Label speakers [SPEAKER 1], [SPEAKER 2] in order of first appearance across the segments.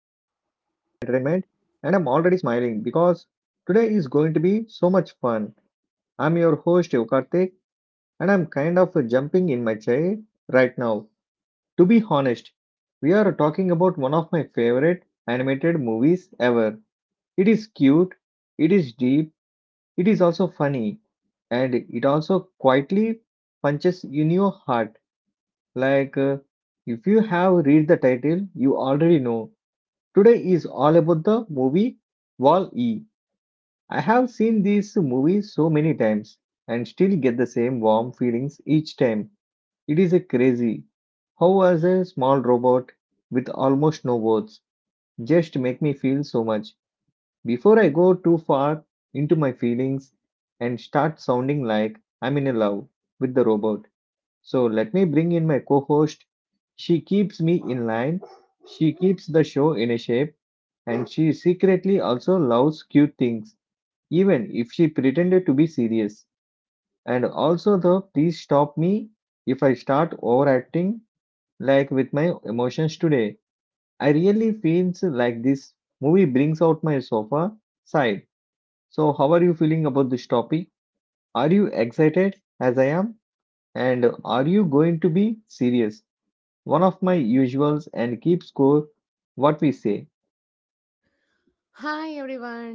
[SPEAKER 1] Entertainment. And I'm already smiling because today is going to be so much fun. I'm your host Yokartik and I'm kind of jumping in my chair right now. To be honest, we are talking about one of my favorite animated movies ever. It is cute, it is deep, it is also funny, and it also quietly punches in your heart. Like uh, if you have read the title, you already know today is all about the movie Wall E. I have seen this movie so many times and still get the same warm feelings each time. It is a crazy. How was a small robot with almost no words just make me feel so much. Before I go too far into my feelings and start sounding like I'm in a love with the robot. So let me bring in my co-host. She keeps me in line. She keeps the show in a shape and she secretly also loves cute things, even if she pretended to be serious. And also, the please stop me if I start overacting, like with my emotions today. I really feels like this movie brings out my sofa side. So, how are you feeling about this topic? Are you excited as I am? And are you going to be serious? One of my usuals and keep score what we say.
[SPEAKER 2] Hi, everyone.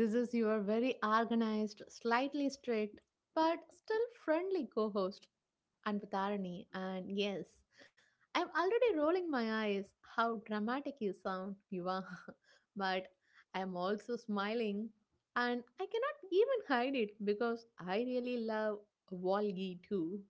[SPEAKER 2] This is your very organized, slightly strict, but still friendly co host and with irony, and Yes, I'm already rolling my eyes. How dramatic you sound, you are. But I am also smiling, and I cannot even hide it because I really love Walgi too.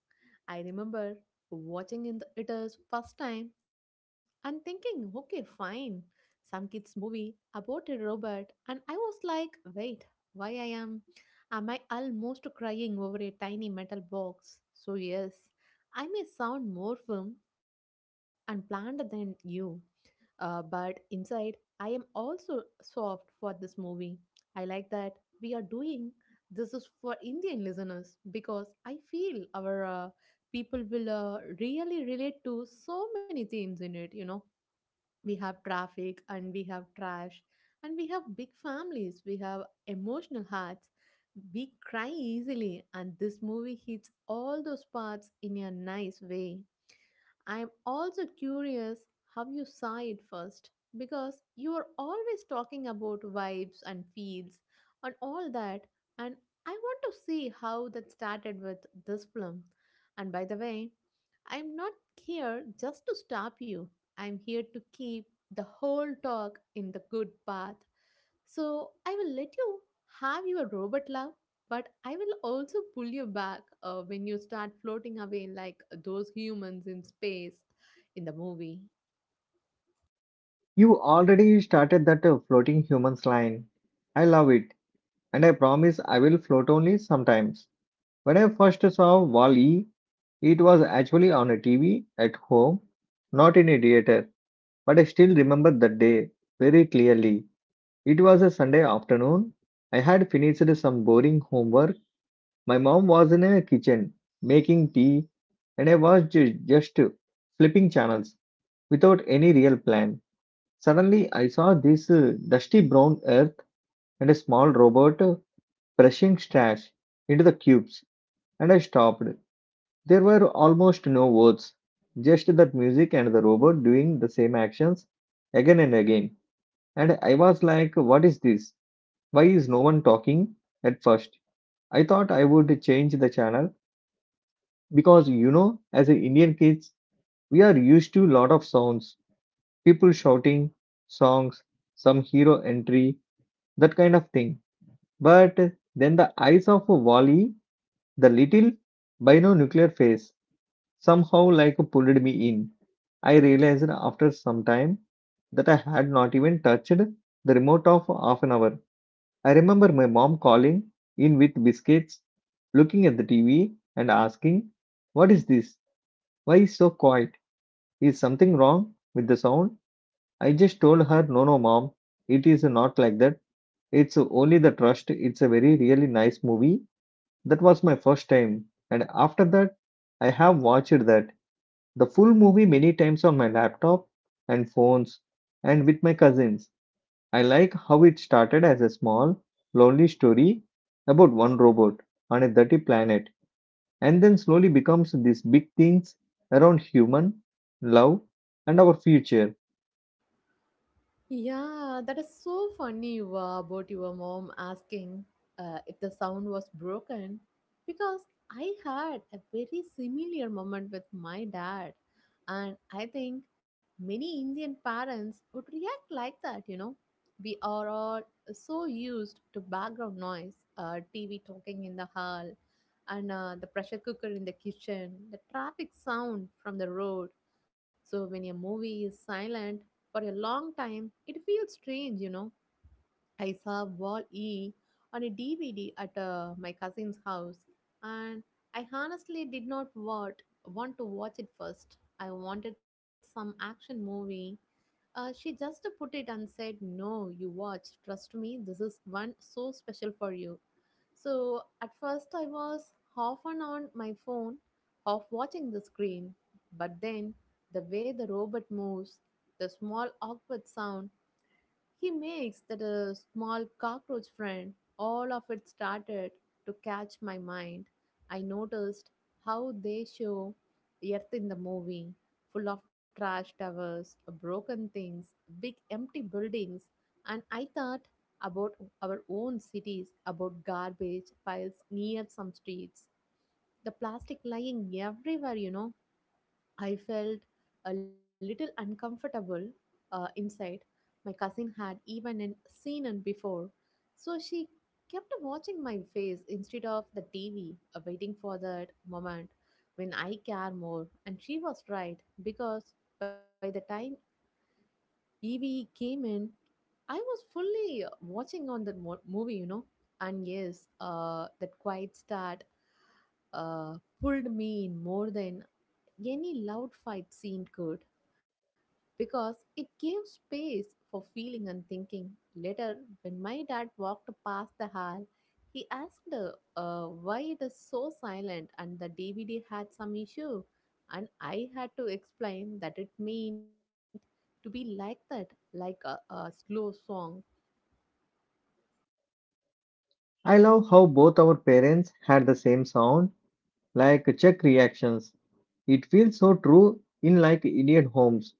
[SPEAKER 2] I remember watching it is first time and thinking, okay, fine, some kids movie about a robot, and I was like, wait, why I am? Am I almost crying over a tiny metal box? So yes, I may sound more firm and planned than you, but inside, I am also soft for this movie. I like that we are doing this is for Indian listeners because I feel our people will really relate to so many themes in it. You know, we have traffic and we have trash and we have big families, we have emotional hearts. We cry easily, and this movie hits all those parts in a nice way. I'm also curious how you saw it first because you are always talking about vibes and feels and all that, and I want to see how that started with this film. And by the way, I'm not here just to stop you. I'm here to keep the whole talk in the good path. So I will let you have your robot love, but I will also pull you back when you start floating away like those humans in space in the movie.
[SPEAKER 1] You already started that floating humans line. I love it, and I promise I will float only sometimes. When I first saw Wall-E, it was actually on a TV at home, not in a theater, but I still remember that day very clearly. It was a Sunday afternoon. I had finished some boring homework. My mom was in a kitchen making tea, and I was just flipping channels without any real plan. Suddenly, I saw this dusty brown earth and a small robot brushing trash into the cubes, and I stopped. There were almost no words, just that music and the robot doing the same actions again and again. And I was like, what is this? Why is no one talking? At first, I thought I would change the channel because, you know, as a Indian kids, we are used to lot of sounds, people shouting, songs, some hero entry, that kind of thing. But then the eyes of Wally, the little binocular face, somehow like pulled me in. I realized after some time that I had not even touched the remote of half an hour. I remember my mom calling in with biscuits, looking at the TV and asking, what is this? Why is so quiet? Is something wrong with the sound? I just told her, no, no, mom, it is not like that. It's only the trust. It's a very really nice movie. That was my first time, and after that, I have watched that the full movie many times on my laptop and phones and with my cousins. I like how it started as a small, lonely story about one robot on a dirty planet and then slowly becomes these big things around human love and our future.
[SPEAKER 2] Yeah, that is so funny you were about your mom asking if the sound was broken because I had a very similar moment with my dad. And I think many Indian parents would react like that, you know. We are all so used to background noise, TV talking in the hall, and the pressure cooker in the kitchen, the traffic sound from the road. So when a movie is silent for a long time, it feels strange, you know. I saw Wall E on a DVD at my cousin's house, and I honestly did not want, want to watch it first. I wanted some action movie. She just put it and said, "No, you watch. Trust me, this is one so special for you." So at first, I was half on my phone, half watching the screen. But then, the way the robot moves, the small awkward sound he makes, that a small cockroach friend, all of it started to catch my mind. I noticed how they show Earth in the movie, full of trash towers, broken things, big empty buildings, and I thought about our own cities, about garbage piles near some streets, the plastic lying everywhere, you know. I felt a little uncomfortable inside. My cousin had seen it before, so she kept watching my face instead of the TV, waiting for that moment when I care more. And she was right, because by the time EVE came in, I was fully watching on that movie, you know. And yes, that quiet start uh, pulled me in more than any loud fight scene could because it gave space for feeling and thinking. Later, when my dad walked past the hall, he asked why it is so silent and the DVD had some issue. And I had to explain that it meant to be like that, like a slow song.
[SPEAKER 1] I love how both our parents had the same sound like check reactions. It feels so true in like Indian homes.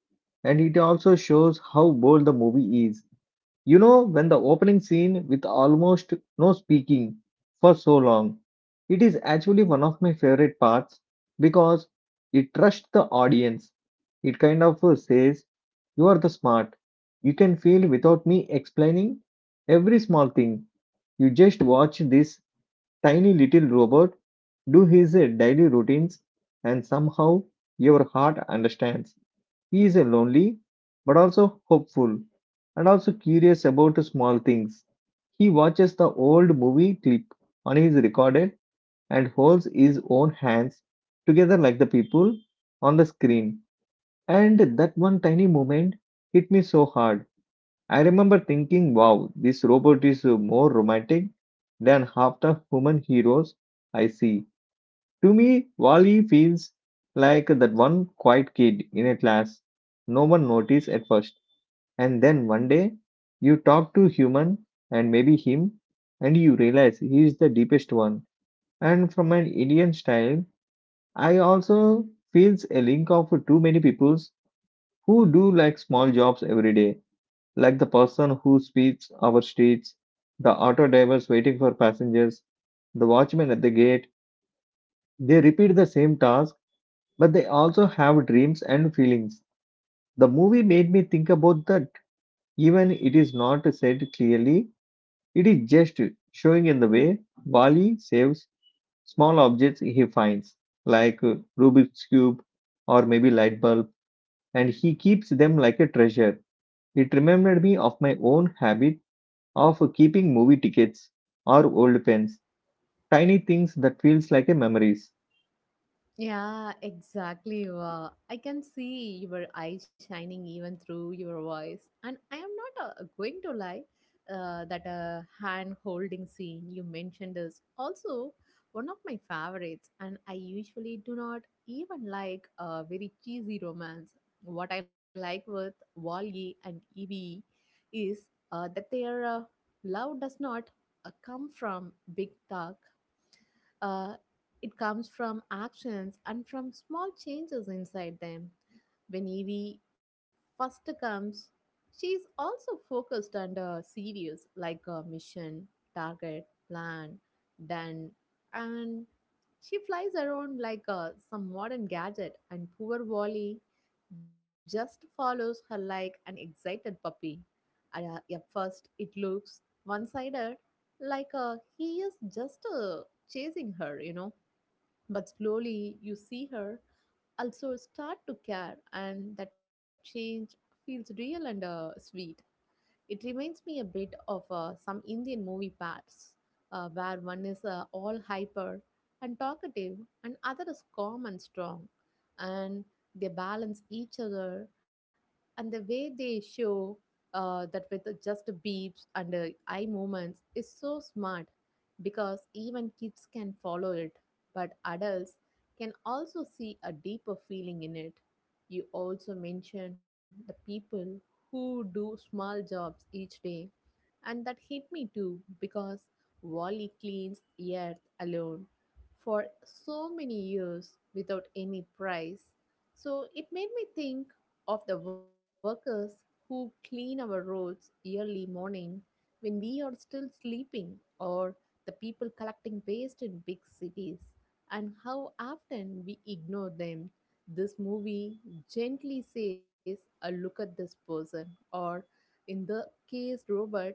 [SPEAKER 1] And it also shows how bold the movie is. You know, when the opening scene with almost no speaking for so long, it is actually one of my favorite parts because it trusts the audience. It kind of says, you are the smart. You can feel without me explaining every small thing. You just watch this tiny little robot do his daily routines and somehow your heart understands he is a lonely but also hopeful and also curious about small things. He watches the old movie clip on his recorder and holds his own hands together like the people on the screen, and that one tiny moment hit me so hard. I remember thinking, wow, this robot is more romantic than half the human heroes I see. To me, Wally feels like that one quiet kid in a class no one noticed at first, and then one day you talk to human and maybe him, and you realize he is the deepest one. And from an Indian style, I also feels a link of too many peoples who do like small jobs every day, like the person who sweeps our streets, the auto drivers waiting for passengers, the watchman at the gate. They repeat the same task but they also have dreams and feelings. The movie made me think about that. Even it is not said clearly, it is just showing in the way Wally saves small objects he finds, like Rubik's Cube or maybe light bulb, and he keeps them like a treasure. It reminded me of my own habit of keeping movie tickets or old pens, tiny things that feels like a memories.
[SPEAKER 2] Yeah, exactly. Wow. I can see your eyes shining even through your voice. And I am not going to lie, that hand holding scene you mentioned is also one of my favorites. And I usually do not even like a very cheesy romance. What I like with Wally and Evie is that their love does not come from big talk. uh, it comes from actions and from small changes inside them. When Evie first comes, she is also focused and serious, like a mission, target, plan, done, and she flies around like some modern gadget, and poor Wally just follows her like an excited puppy. At first, it looks one sided, like he is just chasing her, you know, but slowly you see her also start to care, and that change feels real and sweet. It reminds me a bit of some Indian movie parts, where one is all hyper and talkative and other is calm and strong, and they balance each other. And the way they show that with the just beeps and eye movements is so smart, because even kids can follow it, but adults can also see a deeper feeling in it. You also mentioned the people who do small jobs each day, and that hit me too, because Wally cleans Earth alone for so many years without any price. So it made me think of the workers who clean our roads early morning when we are still sleeping, or the people collecting waste in big cities, and how often we ignore them. This movie gently says, "A look at this person, or in the case Robert,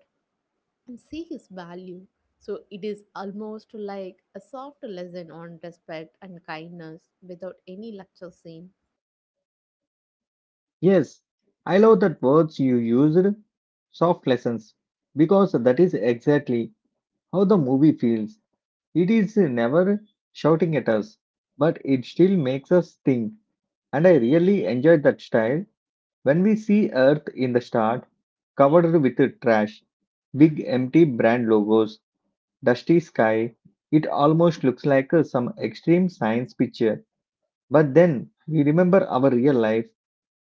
[SPEAKER 2] and see his value." So it is almost like a soft lesson on respect and kindness without any lecture scene.
[SPEAKER 1] Yes, I love that words you used, soft lessons, because that is exactly how the movie feels. It is never shouting at us, but it still makes us think. And I really enjoyed that style when we see Earth in the start covered with trash, big empty brand logos, dusty sky. It almost looks like some extreme science picture. But then we remember our real life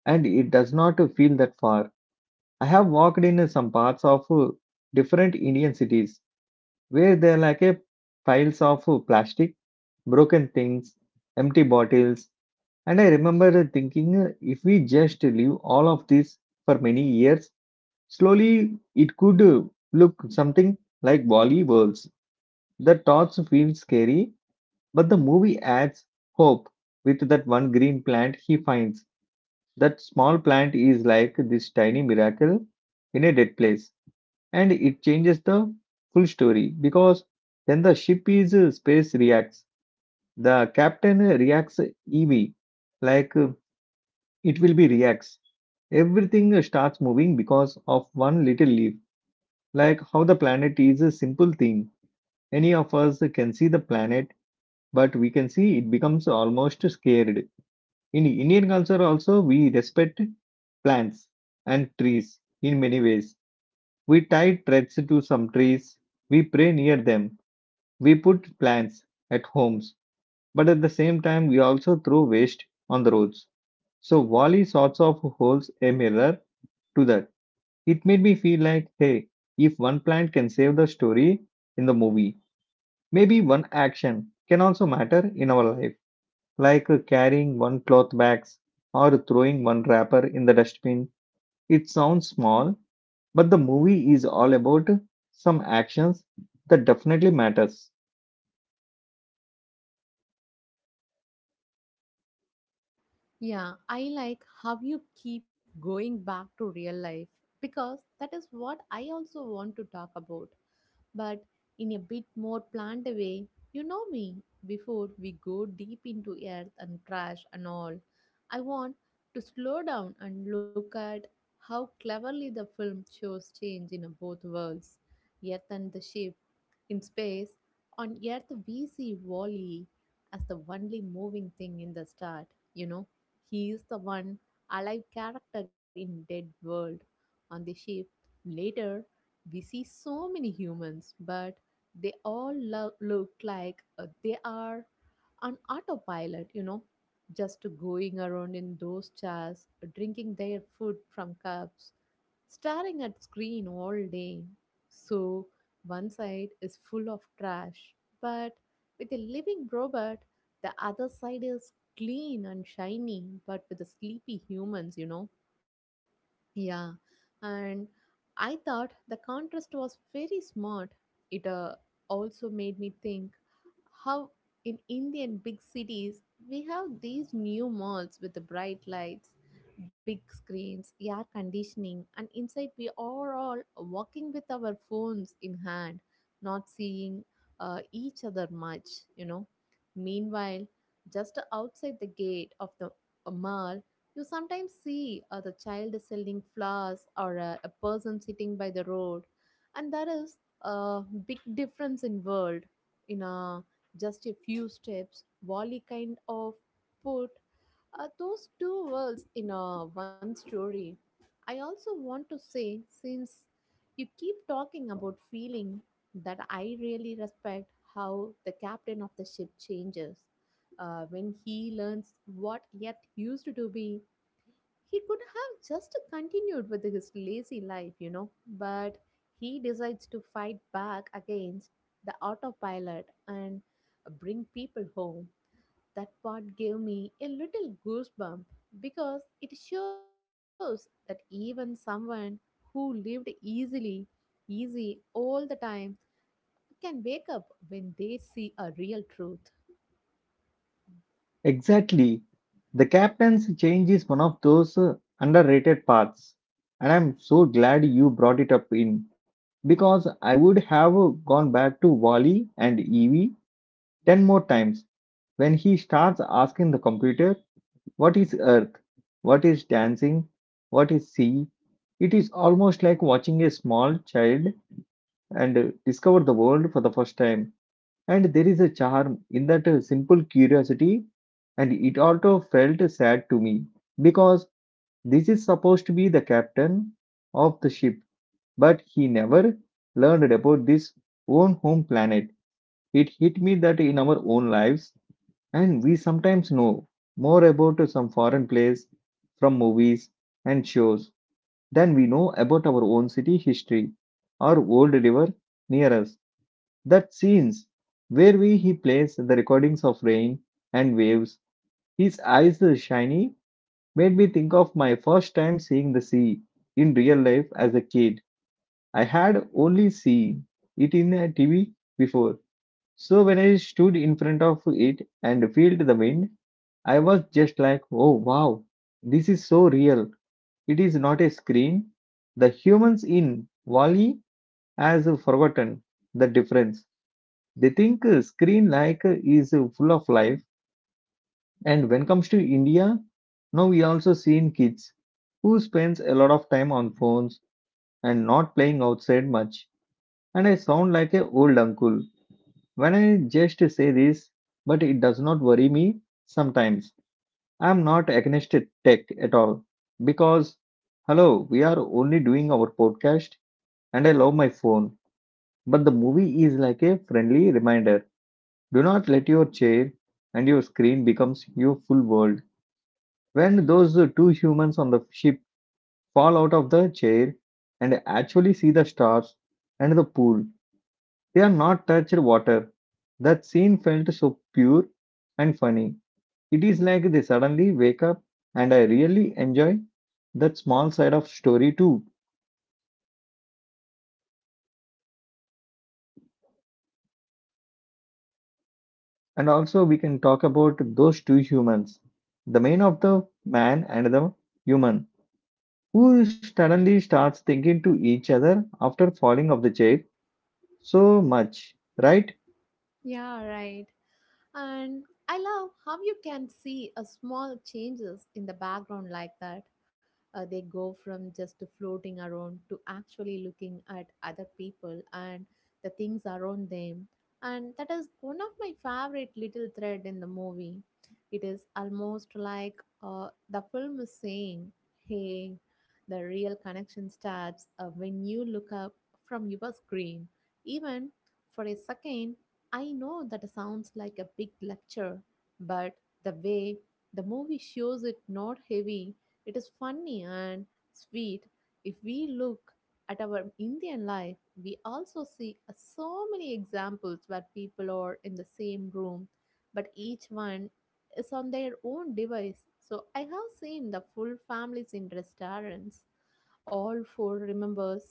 [SPEAKER 1] and it does not feel that far. I have walked in some parts of different Indian cities where there are like a piles of plastic, broken things, empty bottles, and I remember thinking, if we just leave all of this for many years, slowly it could look something like Bali worlds. The thoughts feel scary, but the movie adds hope with that one green plant he finds. That small plant is like this tiny miracle in a dead place and it changes the full story because then the ship is space reacts, the captain reacts, ev like it will be reacts, everything starts moving because of one little leaf, like how the planet is a simple thing. Any of us can see the planet, but we can see it becomes almost scared. In Indian culture also we respect plants and trees in many ways. We tie threads to some trees, we pray near them. We put plants at homes, but at the same time, we also throw waste on the roads. So, Wally sorts of holds a mirror to that. It made me feel like, hey, if one plant can save the story in the movie, maybe one action can also matter in our life, like carrying one cloth bags or throwing one wrapper in the dustbin. It sounds small, but the movie is all about some actions that definitely matters.
[SPEAKER 2] Yeah, I like how you keep going back to real life, because that is what I also want to talk about. But in a bit more plant way. You know me, before we go deep into earth and trash and all, I want to slow down and look at how cleverly the film shows change in both worlds, earth and the ship. In space, on Earth, we see Wally as the only moving thing in the start. You know, he is the one alive character in Dead World. On the ship, later, we see so many humans, but they all look like they are on autopilot, you know, just going around in those chairs, drinking their food from cups, staring at screen all day. So one side is full of trash, but with a living robot, the other side is clean and shiny, but with the sleepy humans, you know. Yeah, and I thought the contrast was very smart. It also made me think how in Indian big cities we have these new malls with the bright lights, big screens, air conditioning, and inside we are all walking with our phones in hand, not seeing each other much, you know. Meanwhile, just outside the gate of the mall, you sometimes see the child selling flowers or a person sitting by the road, and there is a big difference in world. In just a few steps, Wally kind of put those two worlds in one story. I also want to say, since you keep talking about feeling, that I really respect how the captain of the ship changes when he learns what Yet used to be. He could have just continued with his lazy life, you know, but he decides to fight back against the autopilot and bring people home. That part gave me a little goosebump because it shows that even someone who lived easily, easy all the time, can wake up when they see a real truth.
[SPEAKER 1] Exactly. The captain's change is one of those underrated parts. And I'm so glad you brought it up in because I would have gone back to Wally and Evie 10 more times when he starts asking the computer what is earth, what is dancing, what is sea. It is almost like watching a small child and discover the world for the first time. And there is a charm in that simple curiosity, and it also felt sad to me because this is supposed to be the captain of the ship, but he never learned about this own home planet. It hit me that in our own lives, and we sometimes know more about some foreign place from movies and shows than we know about our own city history or old river near us. That scenes where we, he plays the recordings of rain and waves, his eyes are shiny, made me think of my first time seeing the sea in real life as a kid. I had only seen it in a TV before. So when I stood in front of it and felt the wind, I was just like, oh wow, this is so real. It is not a screen. The humans in Wally has forgotten the difference. They think screen like is full of life. And when comes to India, now we also seen kids who spends a lot of time on phones and not playing outside much, and I sound like a old uncle when I just say this, but it does not worry me sometimes. I'm not against tech at all because, hello, we are only doing our podcast and I love my phone. But the movie is like a friendly reminder. Do not let your chair and your screen becomes your full world. When those two humans on the ship fall out of the chair and actually see the stars and the pool, they are not touched water. That scene felt so pure and funny. It is like they suddenly wake up and I really enjoy that small side of story too. And also we can talk about those two humans. The man of the man and the human who suddenly starts thinking to each other after falling off the chair so much, right?
[SPEAKER 2] Yeah, right. And I love how you can see a small changes in the background like that. They go from just floating around to actually looking at other people and the things around them. And that is one of my favorite little thread in the movie. It is almost like the film is saying, hey, the real connection starts when you look up from your screen. Even for a second, I know that sounds like a big lecture, but the way the movie shows it not heavy, it is funny and sweet. If we look at our Indian life, we also see so many examples where people are in the same room, but each one is on their own device. So I have seen the full families in restaurants, all four remembers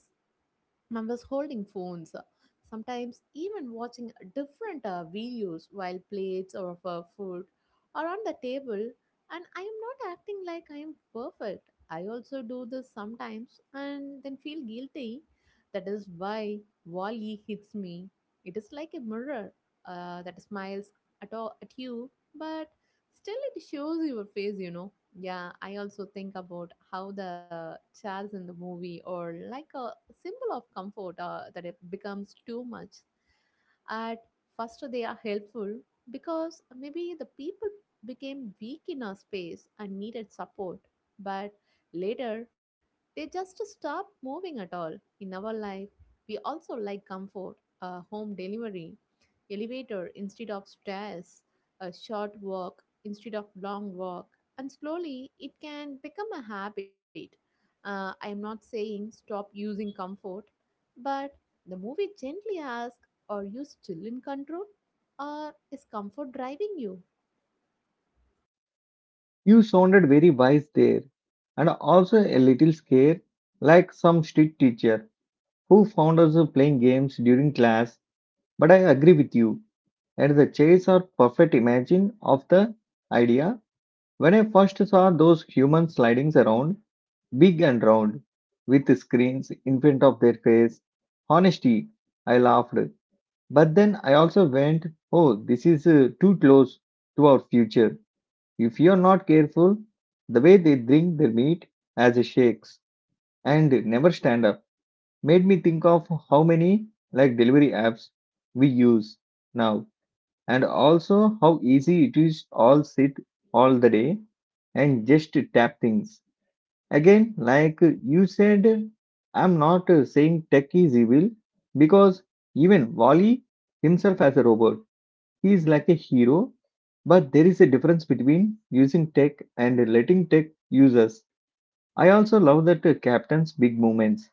[SPEAKER 2] members holding phones, sometimes even watching different videos while plates of food are on the table. And I am not acting like I am perfect. I also do this sometimes and then feel guilty. That is why Wally hits me. It is like a mirror that smiles at you, but still it shows your face, you know. Yeah, I also think about how the chairs in the movie or like a symbol of comfort that it becomes too much. At first, they are helpful because maybe the people became weak in our space and needed support. But later, they just stopped moving at all. In our life, we also like comfort, home delivery, elevator instead of stairs, a short walk instead of long walk, and slowly it can become a habit. I am not saying stop using comfort, but the movie gently asks, are you still in control? Or is comfort driving you?
[SPEAKER 1] You sounded very wise there, and also a little scared, like some street teacher who found us playing games during class. But I agree with you, and the chairs are perfect imagine of the idea. When I first saw those human slidings around, big and round, with screens in front of their face, honesty, I laughed. But then I also went, oh, this is too close to our future. If you're not careful, the way they drink their meat as a shakes and never stand up made me think of how many like delivery apps we use now, and also how easy it is all sit all the day and just tap things. Again, like you said, I'm not saying tech is evil, because even Wally himself as a robot he is like a hero, but there is a difference between using tech and letting tech use us. I also love that Captain's big moments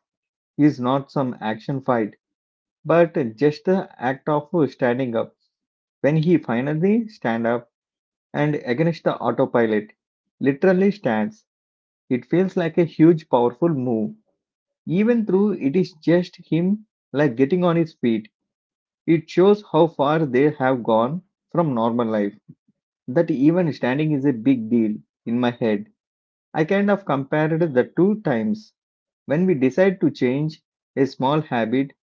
[SPEAKER 1] is not some action fight, but just the act of standing up. When he finally stand up and against the autopilot, literally stands, it feels like a huge powerful move. Even though it is just him like getting on his feet, it shows how far they have gone from normal life, that even standing is a big deal in my head. I kind of compared the two times when we decide to change a small habit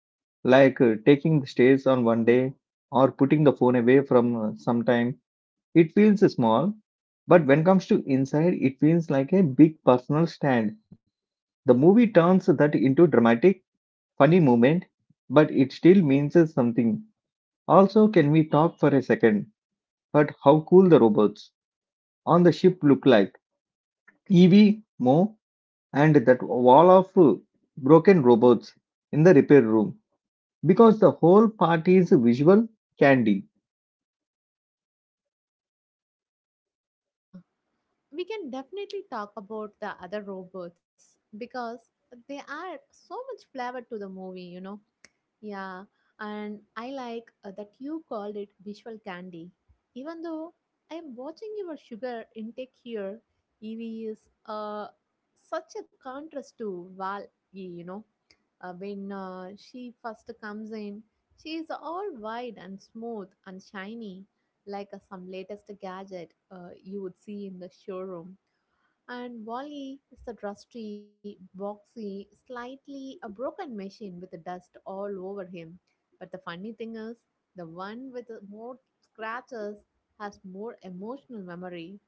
[SPEAKER 1] like taking the stairs on one day, or putting the phone away from some time. It feels small, but when comes to inside, it feels like a big personal stand. The movie turns that into dramatic, funny moment, but it still means something. Also, can we talk for a second? But how cool the robots on the ship look like? Evie, Mo, and that wall of broken robots in the repair room, because the whole party is visual candy.
[SPEAKER 2] Uh, we can definitely talk about the other robots because they add so much flavor to the movie, you know. Yeah, and I like that you called it visual candy. Even though I am watching your sugar intake here, EV is such a contrast to Val, you know. When she first comes in, she is all wide and smooth and shiny, like some latest gadget you would see in the showroom. And Wally is the rusty, boxy, slightly a broken machine with the dust all over him. But the funny thing is, the one with the more scratches has more emotional memory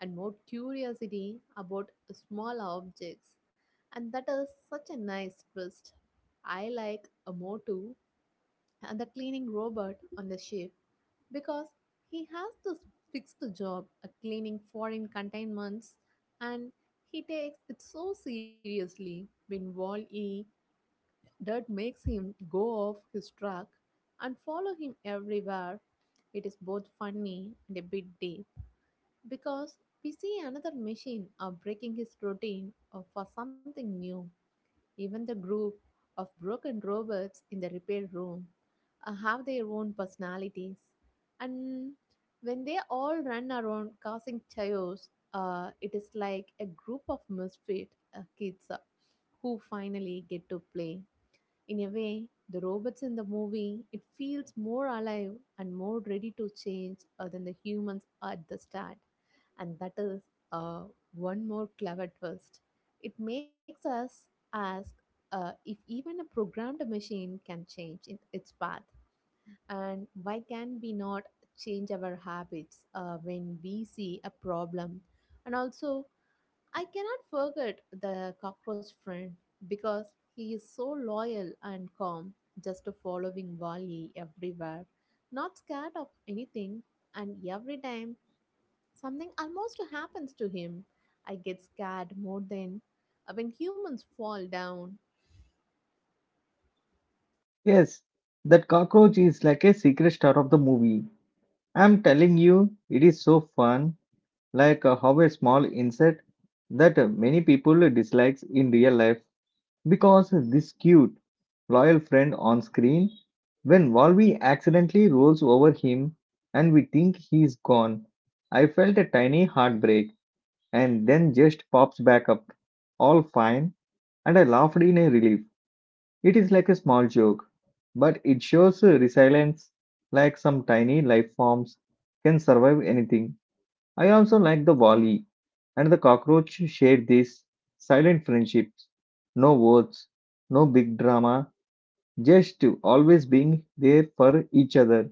[SPEAKER 2] and more curiosity about smaller objects. And that is such a nice twist. I like a Motu and the cleaning robot on the ship because he has this fixed job at cleaning foreign containments and he takes it so seriously when Wall E dirt makes him go off his track and follow him everywhere. It is both funny and a bit deep because we see another machine breaking his routine for something new. Even the group of broken robots in the repair room have their own personalities. And when they all run around causing chaos, it is like a group of misfit kids who finally get to play. In a way, the robots in the movie, it feels more alive and more ready to change than the humans at the start. And that is uh, one more clever twist. It makes us ask if even a programmed machine can change in its path. And why can we not change our habits when we see a problem? And also, I cannot forget the cockroach friend because he is so loyal and calm, just following Wally everywhere, not scared of anything, and every time something almost happens to him, I get scared more than when humans fall down.
[SPEAKER 1] Yes, that cockroach is like a secret star of the movie. I'm telling you, it is so fun, like how a small insect that many people dislikes in real life. Because this cute, loyal friend on screen, when Volvi accidentally rolls over him and we think he's gone, I felt a tiny heartbreak, and then just pops back up, all fine, and I laughed in a relief. It is like a small joke, but it shows resilience, like some tiny life forms can survive anything. I also like the volley and the cockroach shared this silent friendships. No words, no big drama, just always being there for each other.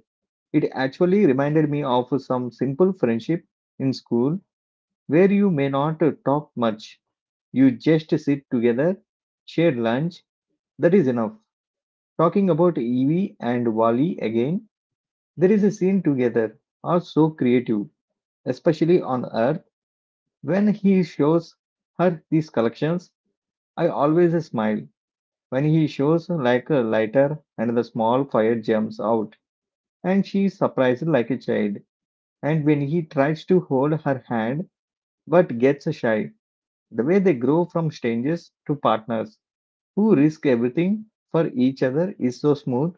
[SPEAKER 1] It actually reminded me of some simple friendship in school where you may not talk much. You just sit together, share lunch, that is enough. Talking about Evie and Wally again, there is a scene together, are so creative, especially on Earth. When he shows her these collections, I always smile. When he shows like a lighter and the small fire jumps out, and she is surprised like a child. And when he tries to hold her hand but gets shy, the way they grow from strangers to partners who risk everything for each other is so smooth.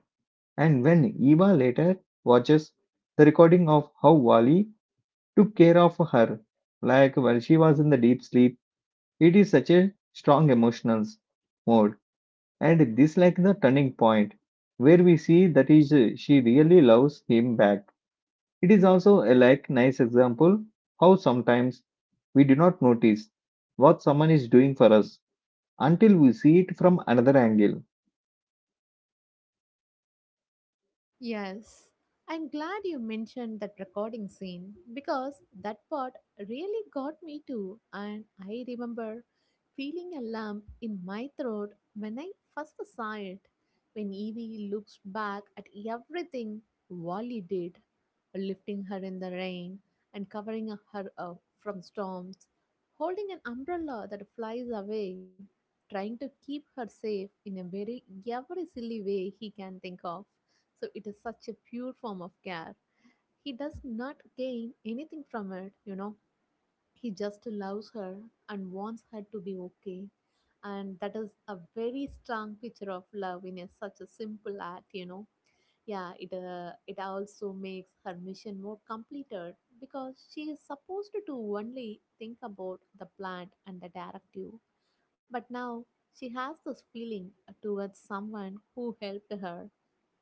[SPEAKER 1] And when Eva later watches the recording of how Wally took care of her, like while she was in the deep sleep, it is such a strong emotional mode, and this like the turning point where we see that is she really loves him back. It is also a like nice example how sometimes we do not notice what someone is doing for us until we see it from another angle.
[SPEAKER 2] Yes, I'm glad you mentioned that recording scene because that part really got me too. And I remember feeling a lump in my throat when I first saw it. When Evie looks back at everything Wally did, lifting her in the rain and covering her up from storms, holding an umbrella that flies away, trying to keep her safe in a very every silly way he can think of, so it is such a pure form of care. He does not gain anything from it, you know. He just loves her and wants her to be okay. And that is a very strong picture of love in a, such a simple act, you know. Yeah, it also makes her mission more completed because she is supposed to only think about the plant and the directive, but now she has this feeling towards someone who helped her,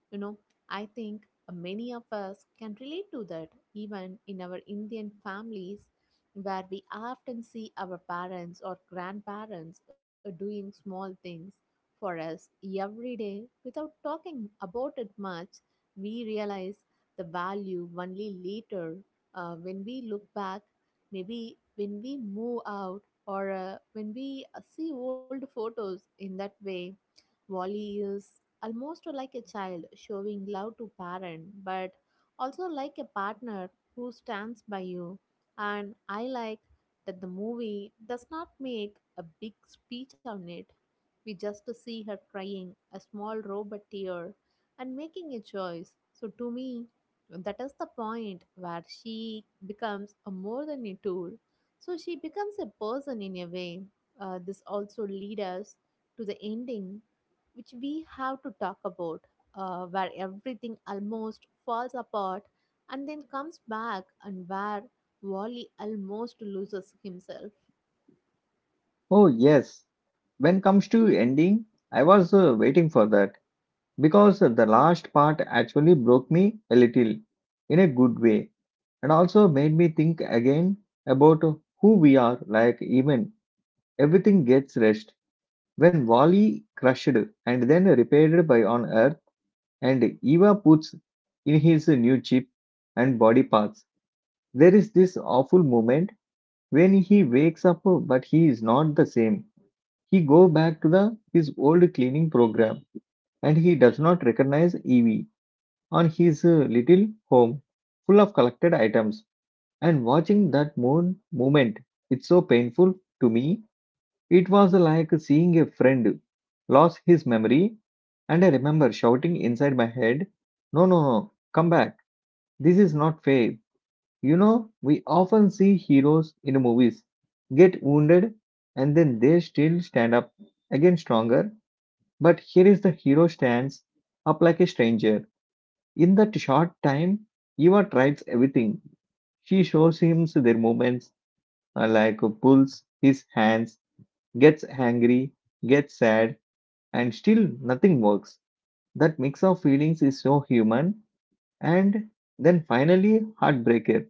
[SPEAKER 2] you know. I think many of us can relate to that even in our Indian families, where we often see our parents or grandparents doing small things for us every day without talking about it much. We realize the value only later when we look back, maybe when we move out or when we see old photos in that way. Wally is almost like a child showing love to parent, but also like a partner who stands by you, and I like that the movie does not make a big speech on it. We just see her crying a small robot tear and making a choice. So to me, that is the point where she becomes a more than a tool, so she becomes a person in a way. This also leads us to the ending, which we have to talk about, where everything almost falls apart and then comes back, and where Wally almost loses himself.
[SPEAKER 1] Oh yes, when comes to ending, I was waiting for that, because the last part actually broke me a little in a good way, and also made me think again about who we are, like even everything gets rest when wally crushed and then repaired by on earth, and eva puts in his new chip and body parts. There is this awful moment when he wakes up but he is not the same. He go back to the his old cleaning program, and he does not recognize Evie on his little home full of collected items. And watching that moon moment, it's so painful to me. It was like seeing a friend lose his memory, and I remember shouting inside my head, no, no, no, come back. This is not fair. You know, we often see heroes in movies get wounded, and then they still stand up again stronger. But here is the hero stands up like a stranger. In that short time, Eva tries everything. She shows him their movements pulls his hands, gets angry, gets sad, and still nothing works. That mix of feelings is so human. And then finally, Heartbreaker.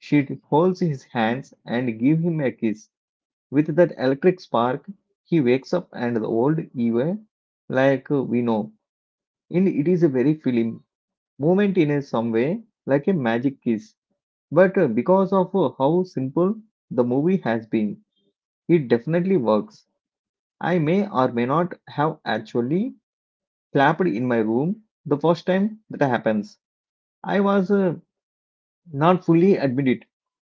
[SPEAKER 1] She holds his hands and give him a kiss. With that electric spark, he wakes up and the old Eva, like we know. In it is a very film moment in a some way, like a magic kiss. But because of how simple the movie has been, it definitely works. I may or may not have actually clapped in my room the first time that happens. I was not fully admit it,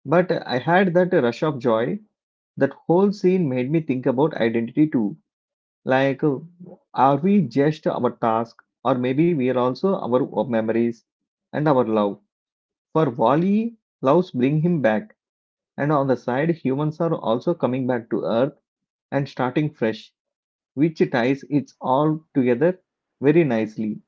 [SPEAKER 1] but I had that rush of joy. That whole scene made me think about identity too. Like, are we just our task, or maybe we are also our memories and our love? For Wally, loves bring him back, and on the side, humans are also coming back to Earth and starting fresh, which ties it all together very nicely.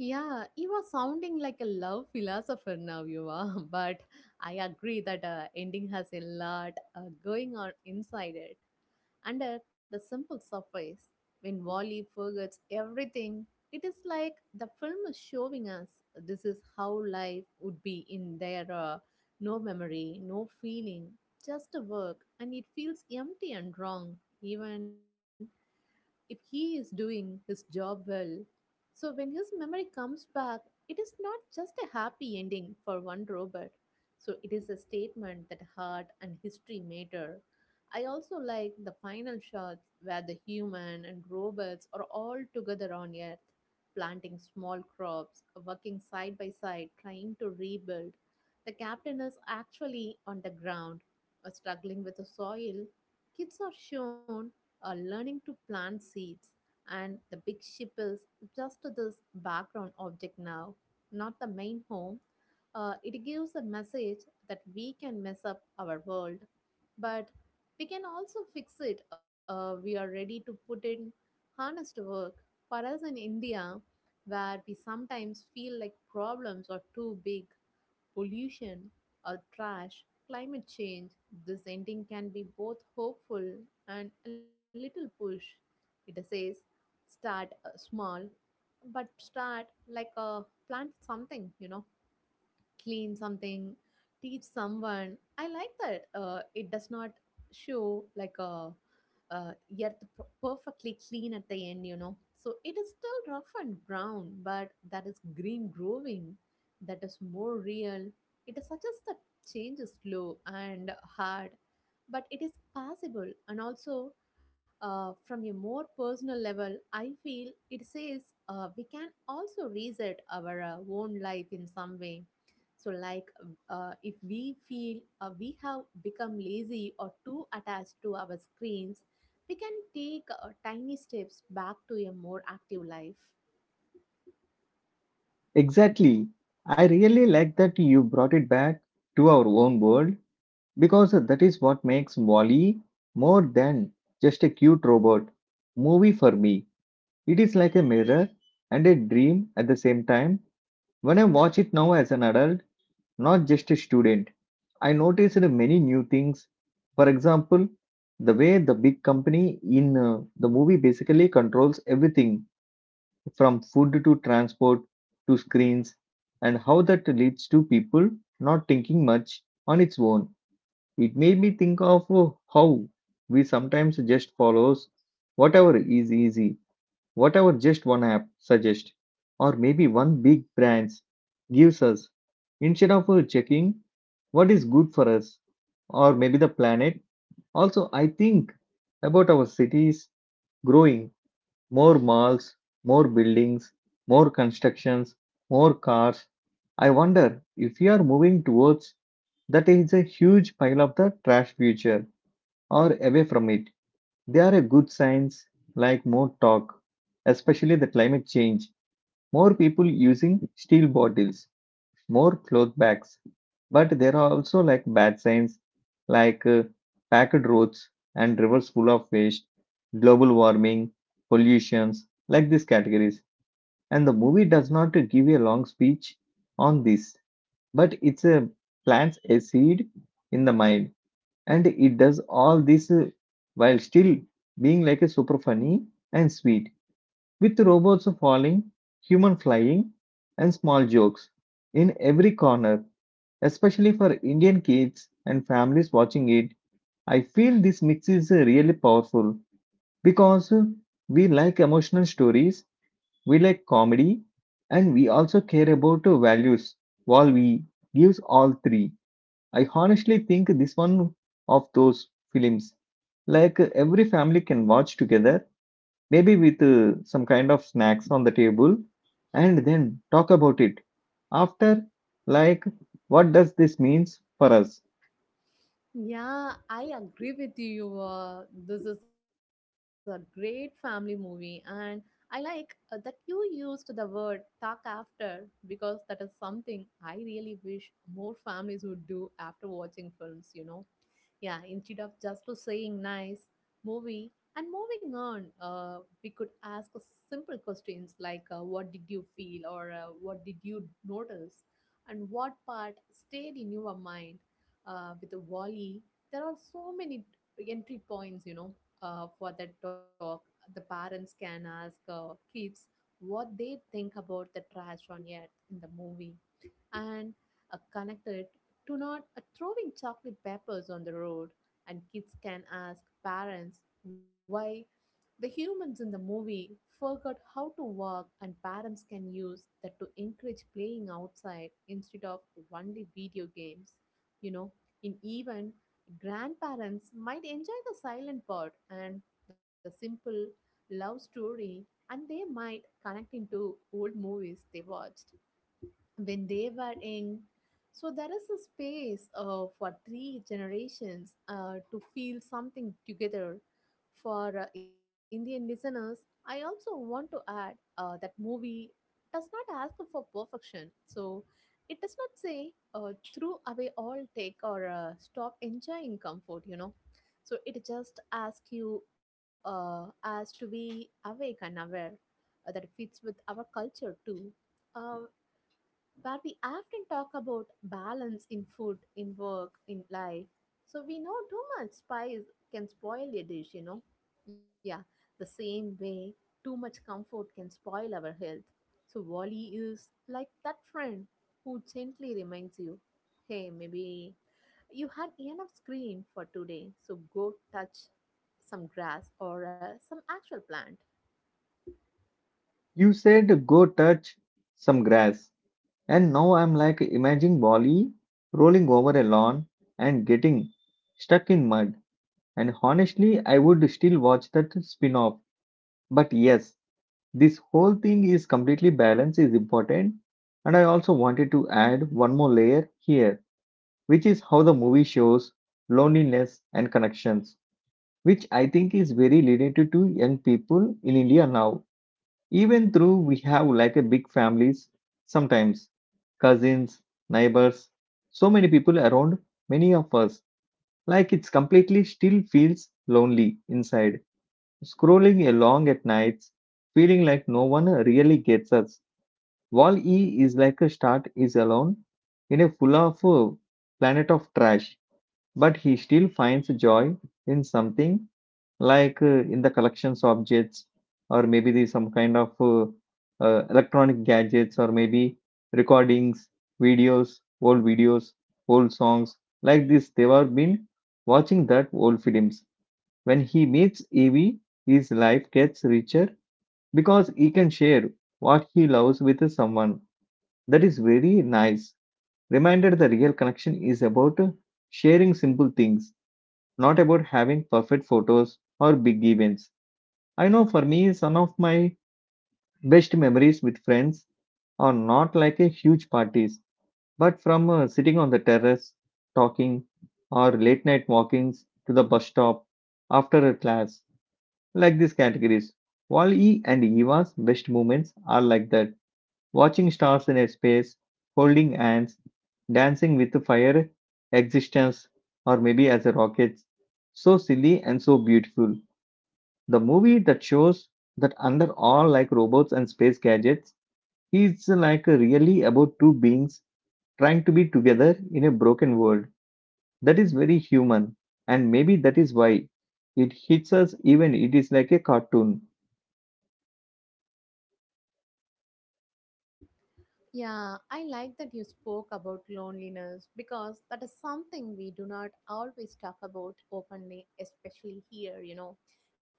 [SPEAKER 2] Yeah, you are sounding like a love philosopher now, you are. But I agree that ending has a lot going on inside it. Under the simple surface, when Wally forgets everything, it is like the film is showing us this is how life would be in there, no memory, no feeling, just a work, and it feels empty and wrong, even if he is doing his job well. So when his memory comes back, it is not just a happy ending for one robot. So it is a statement that heart and history matter. I also like the final shots where the human and robots are all together on Earth, planting small crops, working side by side, trying to rebuild. The captain is actually on the ground, struggling with the soil. Kids are shown learning to plant seeds. And the big ship is just this background object now, not the main home. It gives a message that we can mess up our world, but we can also fix it. We are ready to put in honest work. For us in India, where we sometimes feel like problems are too big, pollution or trash, climate change, this ending can be both hopeful and a little push. It says, start small, but start, like, a plant something, you know, clean something, teach someone. I like that. It does not show like a perfectly clean at the end, you know. So it is still rough and brown, but that is green growing. That is more real. It suggests that change is slow and hard, but it is possible. And also, from a more personal level, I feel it says we can also reset our own life in some way, so like, if we feel we have become lazy or too attached to our screens, we can take tiny steps back to a more active life.
[SPEAKER 1] Exactly. I really like that you brought it back to our own world, because that is what makes Wally more than just a cute robot movie for me. It is like a mirror and a dream at the same time. When I watch it now as an adult, not just a student, I noticed many new things. For example, the way the big company in the movie basically controls everything from food to transport to screens, and how that leads to people not thinking much on its own. It made me think of how we sometimes just follows whatever is easy, whatever just one app suggests, or maybe one big brand gives us, instead of checking what is good for us or maybe the planet. Also, I think about our cities growing more malls, more buildings, more constructions, more cars. I wonder if we are moving towards that is a huge pile of the trash future or away from it. They are a good signs like more talk, especially the climate change, more people using steel bottles, more cloth bags. But there are also like bad signs, like packed roads and rivers full of waste, global warming, pollutions, like these categories. And the movie does not give a long speech on this, but it's a plants a seed in the mind, and it does all this while still being like a super funny and sweet, with robots falling, human flying, and small jokes in every corner, especially for Indian kids and families watching it. I feel this mix is really powerful, because we like emotional stories, we like comedy, and we also care about values. While we gives all three, I honestly think this one of those films like every family can watch together, maybe with some kind of snacks on the table, and then talk about it after. Like, what does this means for us?
[SPEAKER 2] Yeah, I agree with you. This is a great family movie, and I like that you used the word talk after because that is something I really wish more families would do after watching films, you know. Yeah, instead of just to saying nice movie and moving on, we could ask a simple questions like, what did you feel, or what did you notice, and what part stayed in your mind. With the volley, there are so many entry points, you know, for that talk. The parents can ask kids what they think about the trash on earth in the movie and connected to not throwing chocolate peppers on the road. And kids can ask parents why the humans in the movie forgot how to walk, and parents can use that to encourage playing outside instead of only video games. You know, in even grandparents might enjoy the silent part and the simple love story, and they might connect into old movies they watched when they were young. So there is a space for three generations to feel something together. For Indian listeners, I also want to add that movie does not ask for perfection. So it does not say throw away all take or stop enjoying comfort, you know. So it just asks you as to be awake and aware, that fits with our culture too. Uh, where we often talk about balance in food, in work, in life. So we know too much spice can spoil a dish, you know. Yeah, the same way too much comfort can spoil our health. So Wally is like that friend who gently reminds you, hey, maybe you had enough screen for today, so go touch some grass or some actual plant.
[SPEAKER 1] You said go touch some grass, and now I'm like imagining Wally rolling over a lawn and getting stuck in mud. And honestly, I would still watch that spin off. But yes, this whole thing is completely balanced, is important. And I also wanted to add one more layer here, which is how the movie shows loneliness and connections, which I think is very related to young people in India now. Even though we have like a big families, sometimes cousins, neighbors, so many people around, many of us like it's completely still feels lonely inside, scrolling along at nights, feeling like no one really gets us. Wall e is like a start is alone in a full of planet of trash, but he still finds joy in something, like, in the collections objects, or maybe the some kind of electronic gadgets, or maybe recordings, videos, old songs. Like this, they were been watching that old films. When he meets Evie, his life gets richer because he can share what he loves with someone. That is very nice. Reminded the real connection is about sharing simple things, not about having perfect photos or big events. I know for me, some of my best memories with friends are not like a huge parties, but from sitting on the terrace, talking, or late night walkings to the bus stop after a class, like these categories. Wall-E and Eva's best moments are like that. Watching stars in a space, holding hands, dancing with the fire, existence, or maybe as a rocket. So silly and so beautiful. The movie that shows that under all like robots and space gadgets, it's like really about two beings trying to be together in a broken world. That is very human, and maybe that is why it hits us even it is like a cartoon.
[SPEAKER 2] Yeah, I like that you spoke about loneliness because that is something we do not always talk about openly, especially here, you know.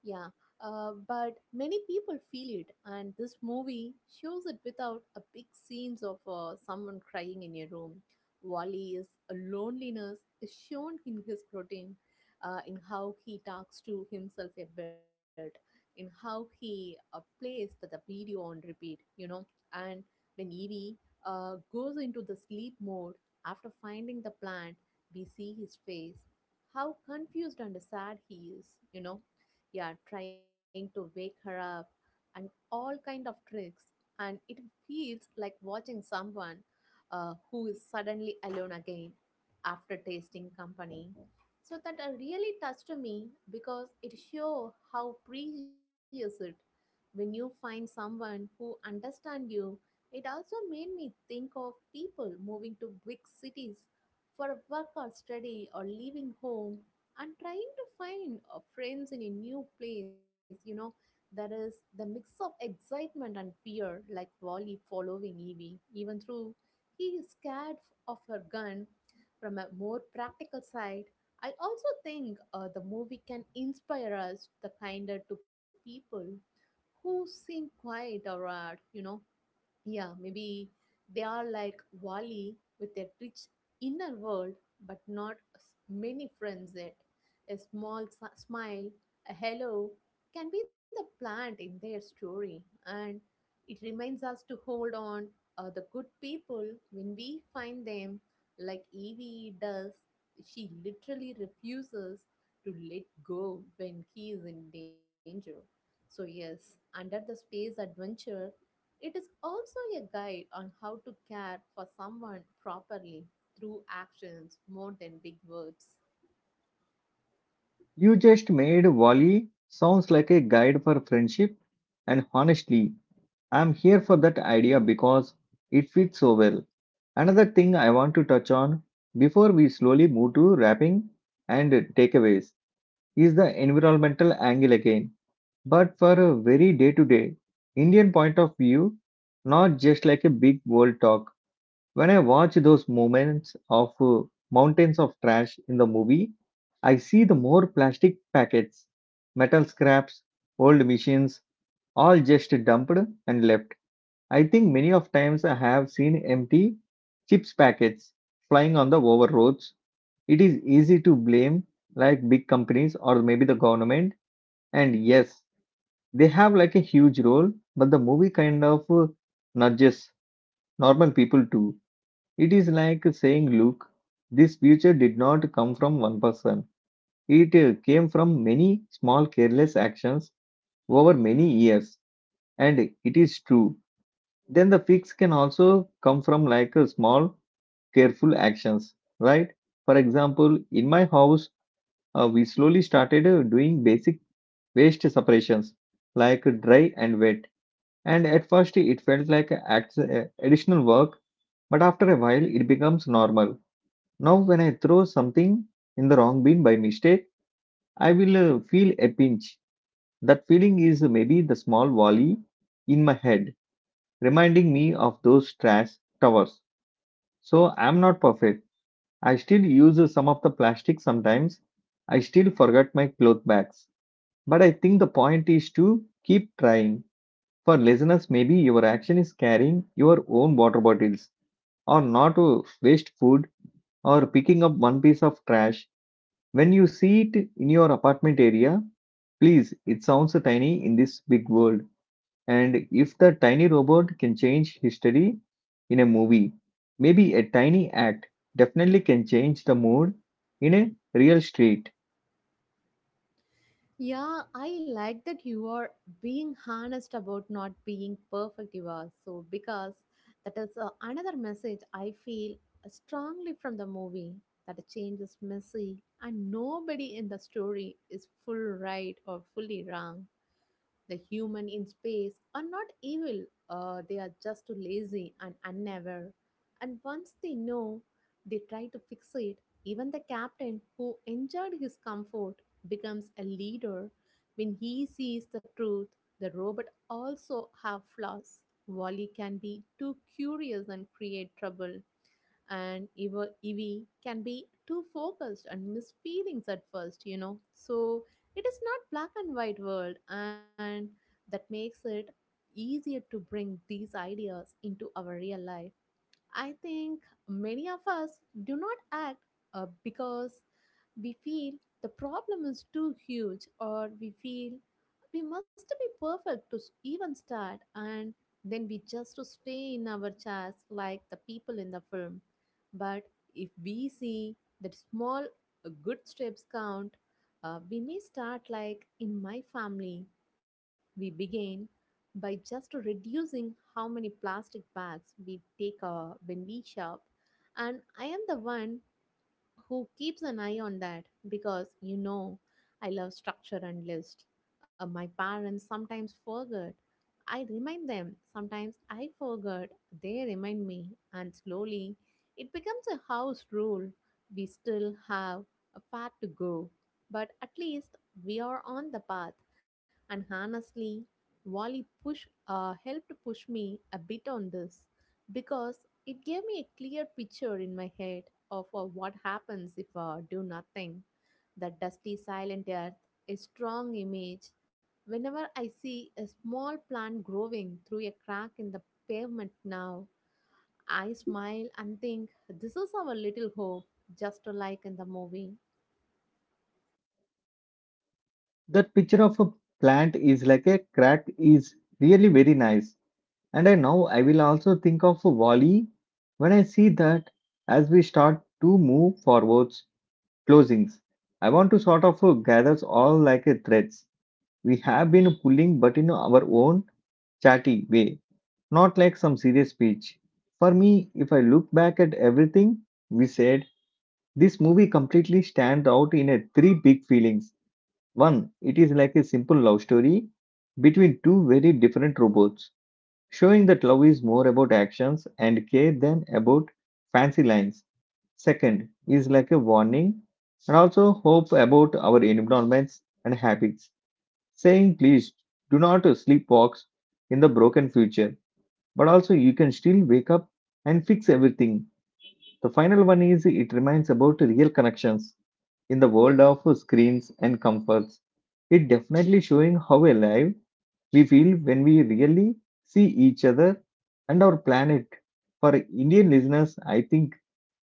[SPEAKER 2] Yeah, but many people feel it, and this movie shows it without a big scenes of someone crying in a room. Wally's loneliness is shown in his routine, in how he talks to himself a bit, in how he plays the video on repeat, you know, and when Evie goes into the sleep mode after finding the plant. We see his face, how confused and sad he is, you know. Yeah, trying to wake her up and all kind of tricks, and it feels like watching someone who is suddenly alone again after tasting company. So that really touched me because it show how precious it when you find someone who understand you. It also made me think of people moving to big cities for work or study or leaving home and trying to find friends in a new place. You know, there is the mix of excitement and fear, like Wally following Evie, even though he is scared of her gun. From a more practical side, I also think the movie can inspire us the kinder to people who seem quiet or maybe they are like Wally with a rich inner world, but not many friends yet. A small smile, a hello, can be the plant in their story, and it reminds us to hold on the good people when we find them, like Evie does. She literally refuses to let go when he is in danger. So, yes, under the space adventure, it is also a guide on how to care for someone properly through actions more than big words.
[SPEAKER 1] You just made Wally sounds like a guide for friendship, and honestly, I'm here for that idea because it fits so well. Another thing I want to touch on before we slowly move to wrapping and takeaways is the environmental angle again, but for a very day to day Indian point of view, not just like a big world talk. When I watch those moments of mountains of trash in the movie, I see the more plastic packets, metal scraps, old machines, all just dumped and left. I think many of times I have seen empty chips packets flying on the over roads. It is easy to blame like big companies or maybe the government, and yes, they have like a huge role, but the movie kind of nudges normal people too. It is like saying, look, this future did not come from one person. It came from many small careless actions over many years. And it is true. Then the fix can also come from like small careful actions, right? For example, in my house, we slowly started doing basic waste separations like dry and wet. And at first, it felt like additional work, but after a while, it becomes normal. Now, when I throw something in the wrong bin by mistake, I will feel a pinch. That feeling is maybe the small volley in my head, reminding me of those trash towers. So, I'm not perfect. I still use some of the plastic sometimes. I still forget my cloth bags. But I think the point is to keep trying. For listeners, maybe your action is carrying your own water bottles or not to waste food or picking up one piece of trash when you see it in your apartment area. Please, it sounds tiny in this big world. And if the tiny robot can change history in a movie, maybe a tiny act definitely can change the mood in a real street.
[SPEAKER 2] Yeah, I like that you are being honest about not being perfect. Because that is another message I feel strongly from the movie, that a change is messy and nobody in the story is full right or fully wrong. The human in space are not evil, they are just lazy and unaware. And once they know, they try to fix it. Even the captain who enjoyed his comfort becomes a leader when he sees the truth. The robot also have flaws. Wally can be too curious and create trouble, and even EV Evie can be too focused and miss feelings at first, you know. So it is not black and white world, and that makes it easier to bring these ideas into our real life. I think many of us do not act because we feel the problem is too huge, or we feel we must be perfect to even start, and then we just stay in our chairs like the people in the film. But if we see that small good steps count, we may start like in my family. We begin by just reducing how many plastic bags we take when we shop. And I am the one who keeps an eye on that because you know I love structure and list. My parents sometimes forget. I remind them. Sometimes I forget. They remind me. And slowly, it becomes a house rule. We still have a far to go. But at least we are on the path. And honestly, Wally helped push me a bit on this because it gave me a clear picture in my head of what happens if I do nothing. The dusty, silent earth, a strong image. Whenever I see a small plant growing through a crack in the pavement now, I smile and think this is our little hope, just like in the movie.
[SPEAKER 1] That picture of a plant is like a crack is really very nice. And I now I will also think of Wally when I see that. As we start to move forwards, closings. I want to sort of gather all like a threads. We have been pulling, but in our own chatty way, not like some serious speech. For me, if I look back at everything we said, this movie completely stands out in a three big feelings. One, it is like a simple love story between two very different robots showing that love is more about actions and care than about fancy lines. Second is like a warning and also hope about our environments and habits, saying please do not sleepwalk in the broken future, but also you can still wake up and fix everything. The final one is it reminds about real connections in the world of screens and comforts. It definitely showing how alive we feel when we really see each other and our planet. For Indian listeners, I think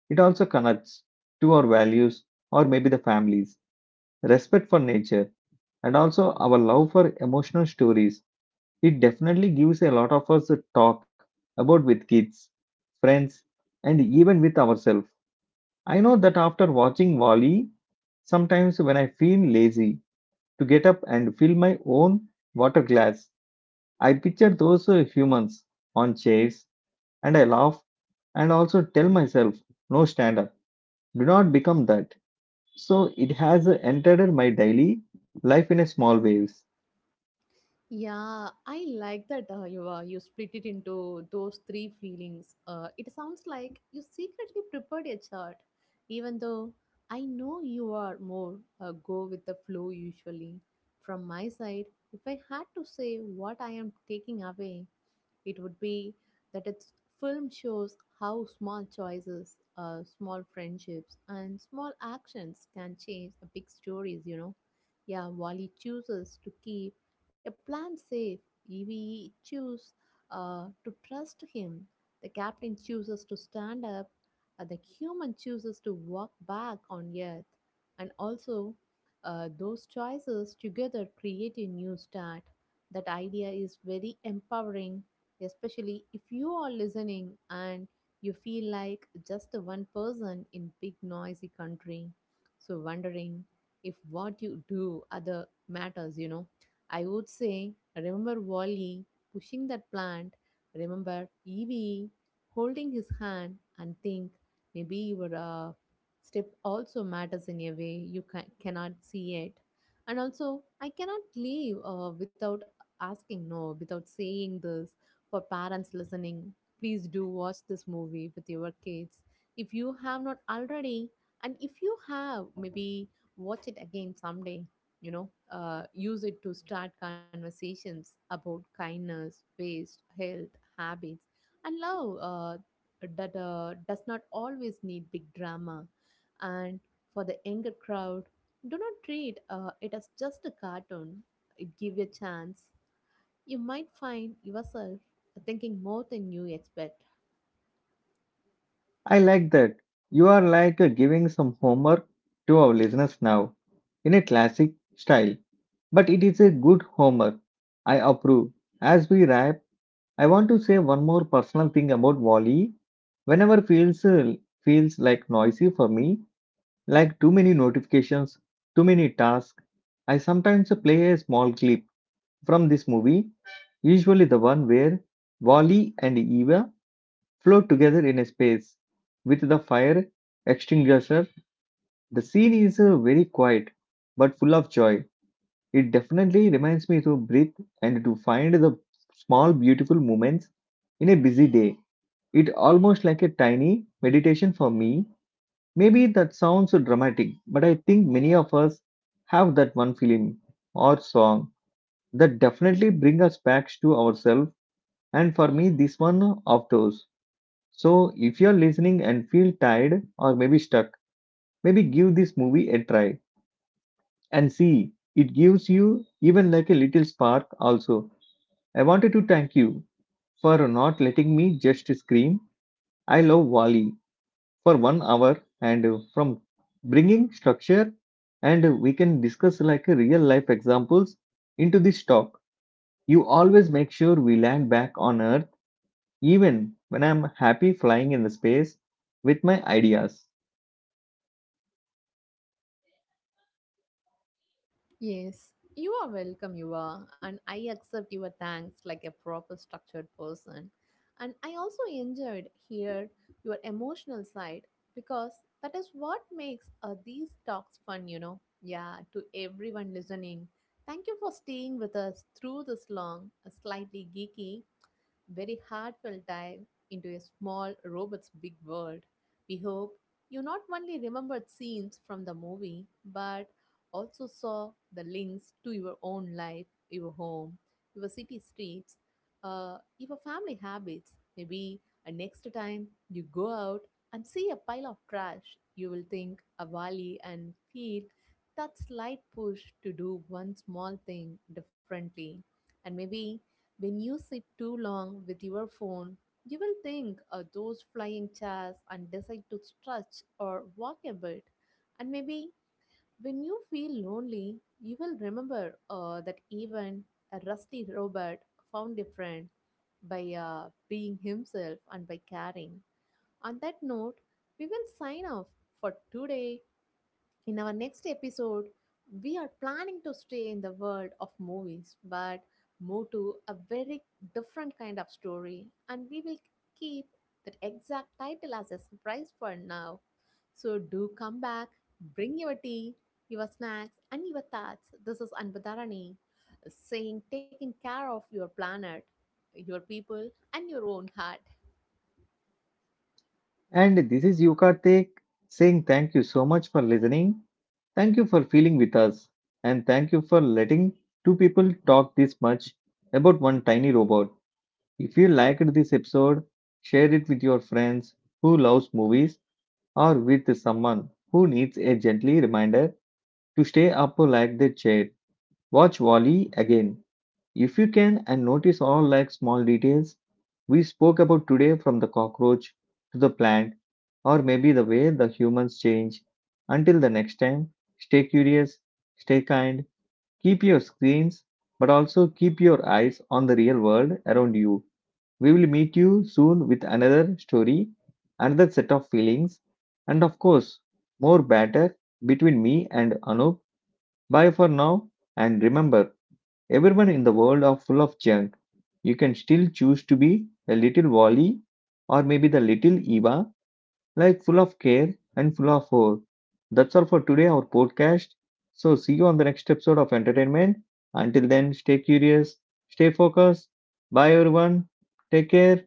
[SPEAKER 1] it also connects to our values or maybe the families, respect for nature, and also our love for emotional stories. It definitely gives a lot of us a talk about with kids, friends, and even with ourselves. I know that after watching Wally, sometimes when I feel lazy to get up and fill my own water glass, I picture those humans on chairs and I laugh and also tell myself, no, stand up, do not become that. So it has entered my daily life in a small ways.
[SPEAKER 2] Yeah, I like that you split it into those three feelings. It sounds like you secretly prepared a chart, even though I know you are more go with the flow usually. From my side, if I had to say what I am taking away, it would be that its film shows how small choices, small friendships, and small actions can change the big stories, you know. Yeah, while he chooses to keep a plan safe, Evie chooses to trust him. The captain chooses to stand up. The human chooses to walk back on Earth. And also, those choices together create a new start. That idea is very empowering, especially if you are listening and you feel like just one person in big noisy country, so wondering if what you do other matters, you know. I would say remember Wally pushing that plant, remember Evie holding his hand, and think maybe your step also matters in a way you cannot see it. And also I cannot leave without asking no without saying this. For parents listening, please do watch this movie with your kids if you have not already. And if you have, maybe watch it again someday. You know, use it to start conversations about kindness, waste, health, habits, and love that does not always need big drama. And for the younger crowd, do not treat it as just a cartoon. It give a chance you might find yourself thinking more than you expect.
[SPEAKER 1] I like that. You are like giving some homework to our listeners now in a classic style, but it is a good homework. I approve. As we wrap, I want to say one more personal thing about Wally. Whenever feels like noisy for me, like too many notifications, too many tasks, I sometimes play a small clip from this movie, usually the one where Wally and Eva float together in a space with the fire extinguisher. The scene is very quiet but full of joy. It definitely reminds me to breathe and to find the small beautiful moments in a busy day. It almost like a tiny meditation for me. Maybe that sounds so dramatic, but I think many of us have that one film or song that definitely bring us back to ourselves. And for me, this one of those. So if you're listening and feel tired or maybe stuck, maybe give this movie a try and see. It gives you even like a little spark also. I wanted to thank you for not letting me just scream. I love Wally for 1 hour, and from bringing structure and we can discuss like real life examples into this talk. You always make sure we land back on earth even when I'm happy flying in the space with my ideas.
[SPEAKER 2] Yes, you are welcome, you are, and I accept your thanks like a proper structured person. And I also enjoyed here your emotional side because that is what makes these talks fun, you know. Yeah, to everyone listening, thank you for staying with us through this long, slightly geeky, very heartfelt dive into a small robot's big world. We hope you not only remembered scenes from the movie, but also saw the links to your own life, your home, your city streets, your family habits. Maybe next time you go out and see a pile of trash, you will think a valley and feel that slight push to do one small thing differently. And maybe when you sit too long with your phone, you will think of those flying chairs and decide to stretch or walk a bit. And maybe when you feel lonely, you will remember that even a rusty robot found a friend by being himself and by caring. On that note, we will sign off for today. In our next episode, we are planning to stay in the world of movies, but move to a very different kind of story, and we will keep that exact title as a surprise for now. So, do come back, bring your tea, your snacks, and your thoughts. This is Anbudharani saying, taking care of your planet, your people, and your own heart.
[SPEAKER 1] And this is Yukartek, saying thank you so much for listening, thank you for feeling with us, and thank you for letting two people talk this much about one tiny robot. If you liked this episode, share it with your friends who loves movies or with someone who needs a gently reminder to stay up like their chair. Watch Wally again if you can and notice all like small details we spoke about today, from the cockroach to the plant or maybe the way the humans change. Until the next time, stay curious, stay kind, keep your screens but also keep your eyes on the real world around you. We will meet you soon with another story, another set of feelings, and of course, more banter between me and Anup. Bye for now, and remember, everyone in the world are full of junk. You can still choose to be a little Wally or maybe the little Eva, like full of care and full of hope. That's all for today, our podcast. So, see you on the next episode of entertainment. Until then, stay curious, stay focused. Bye, everyone. Take care.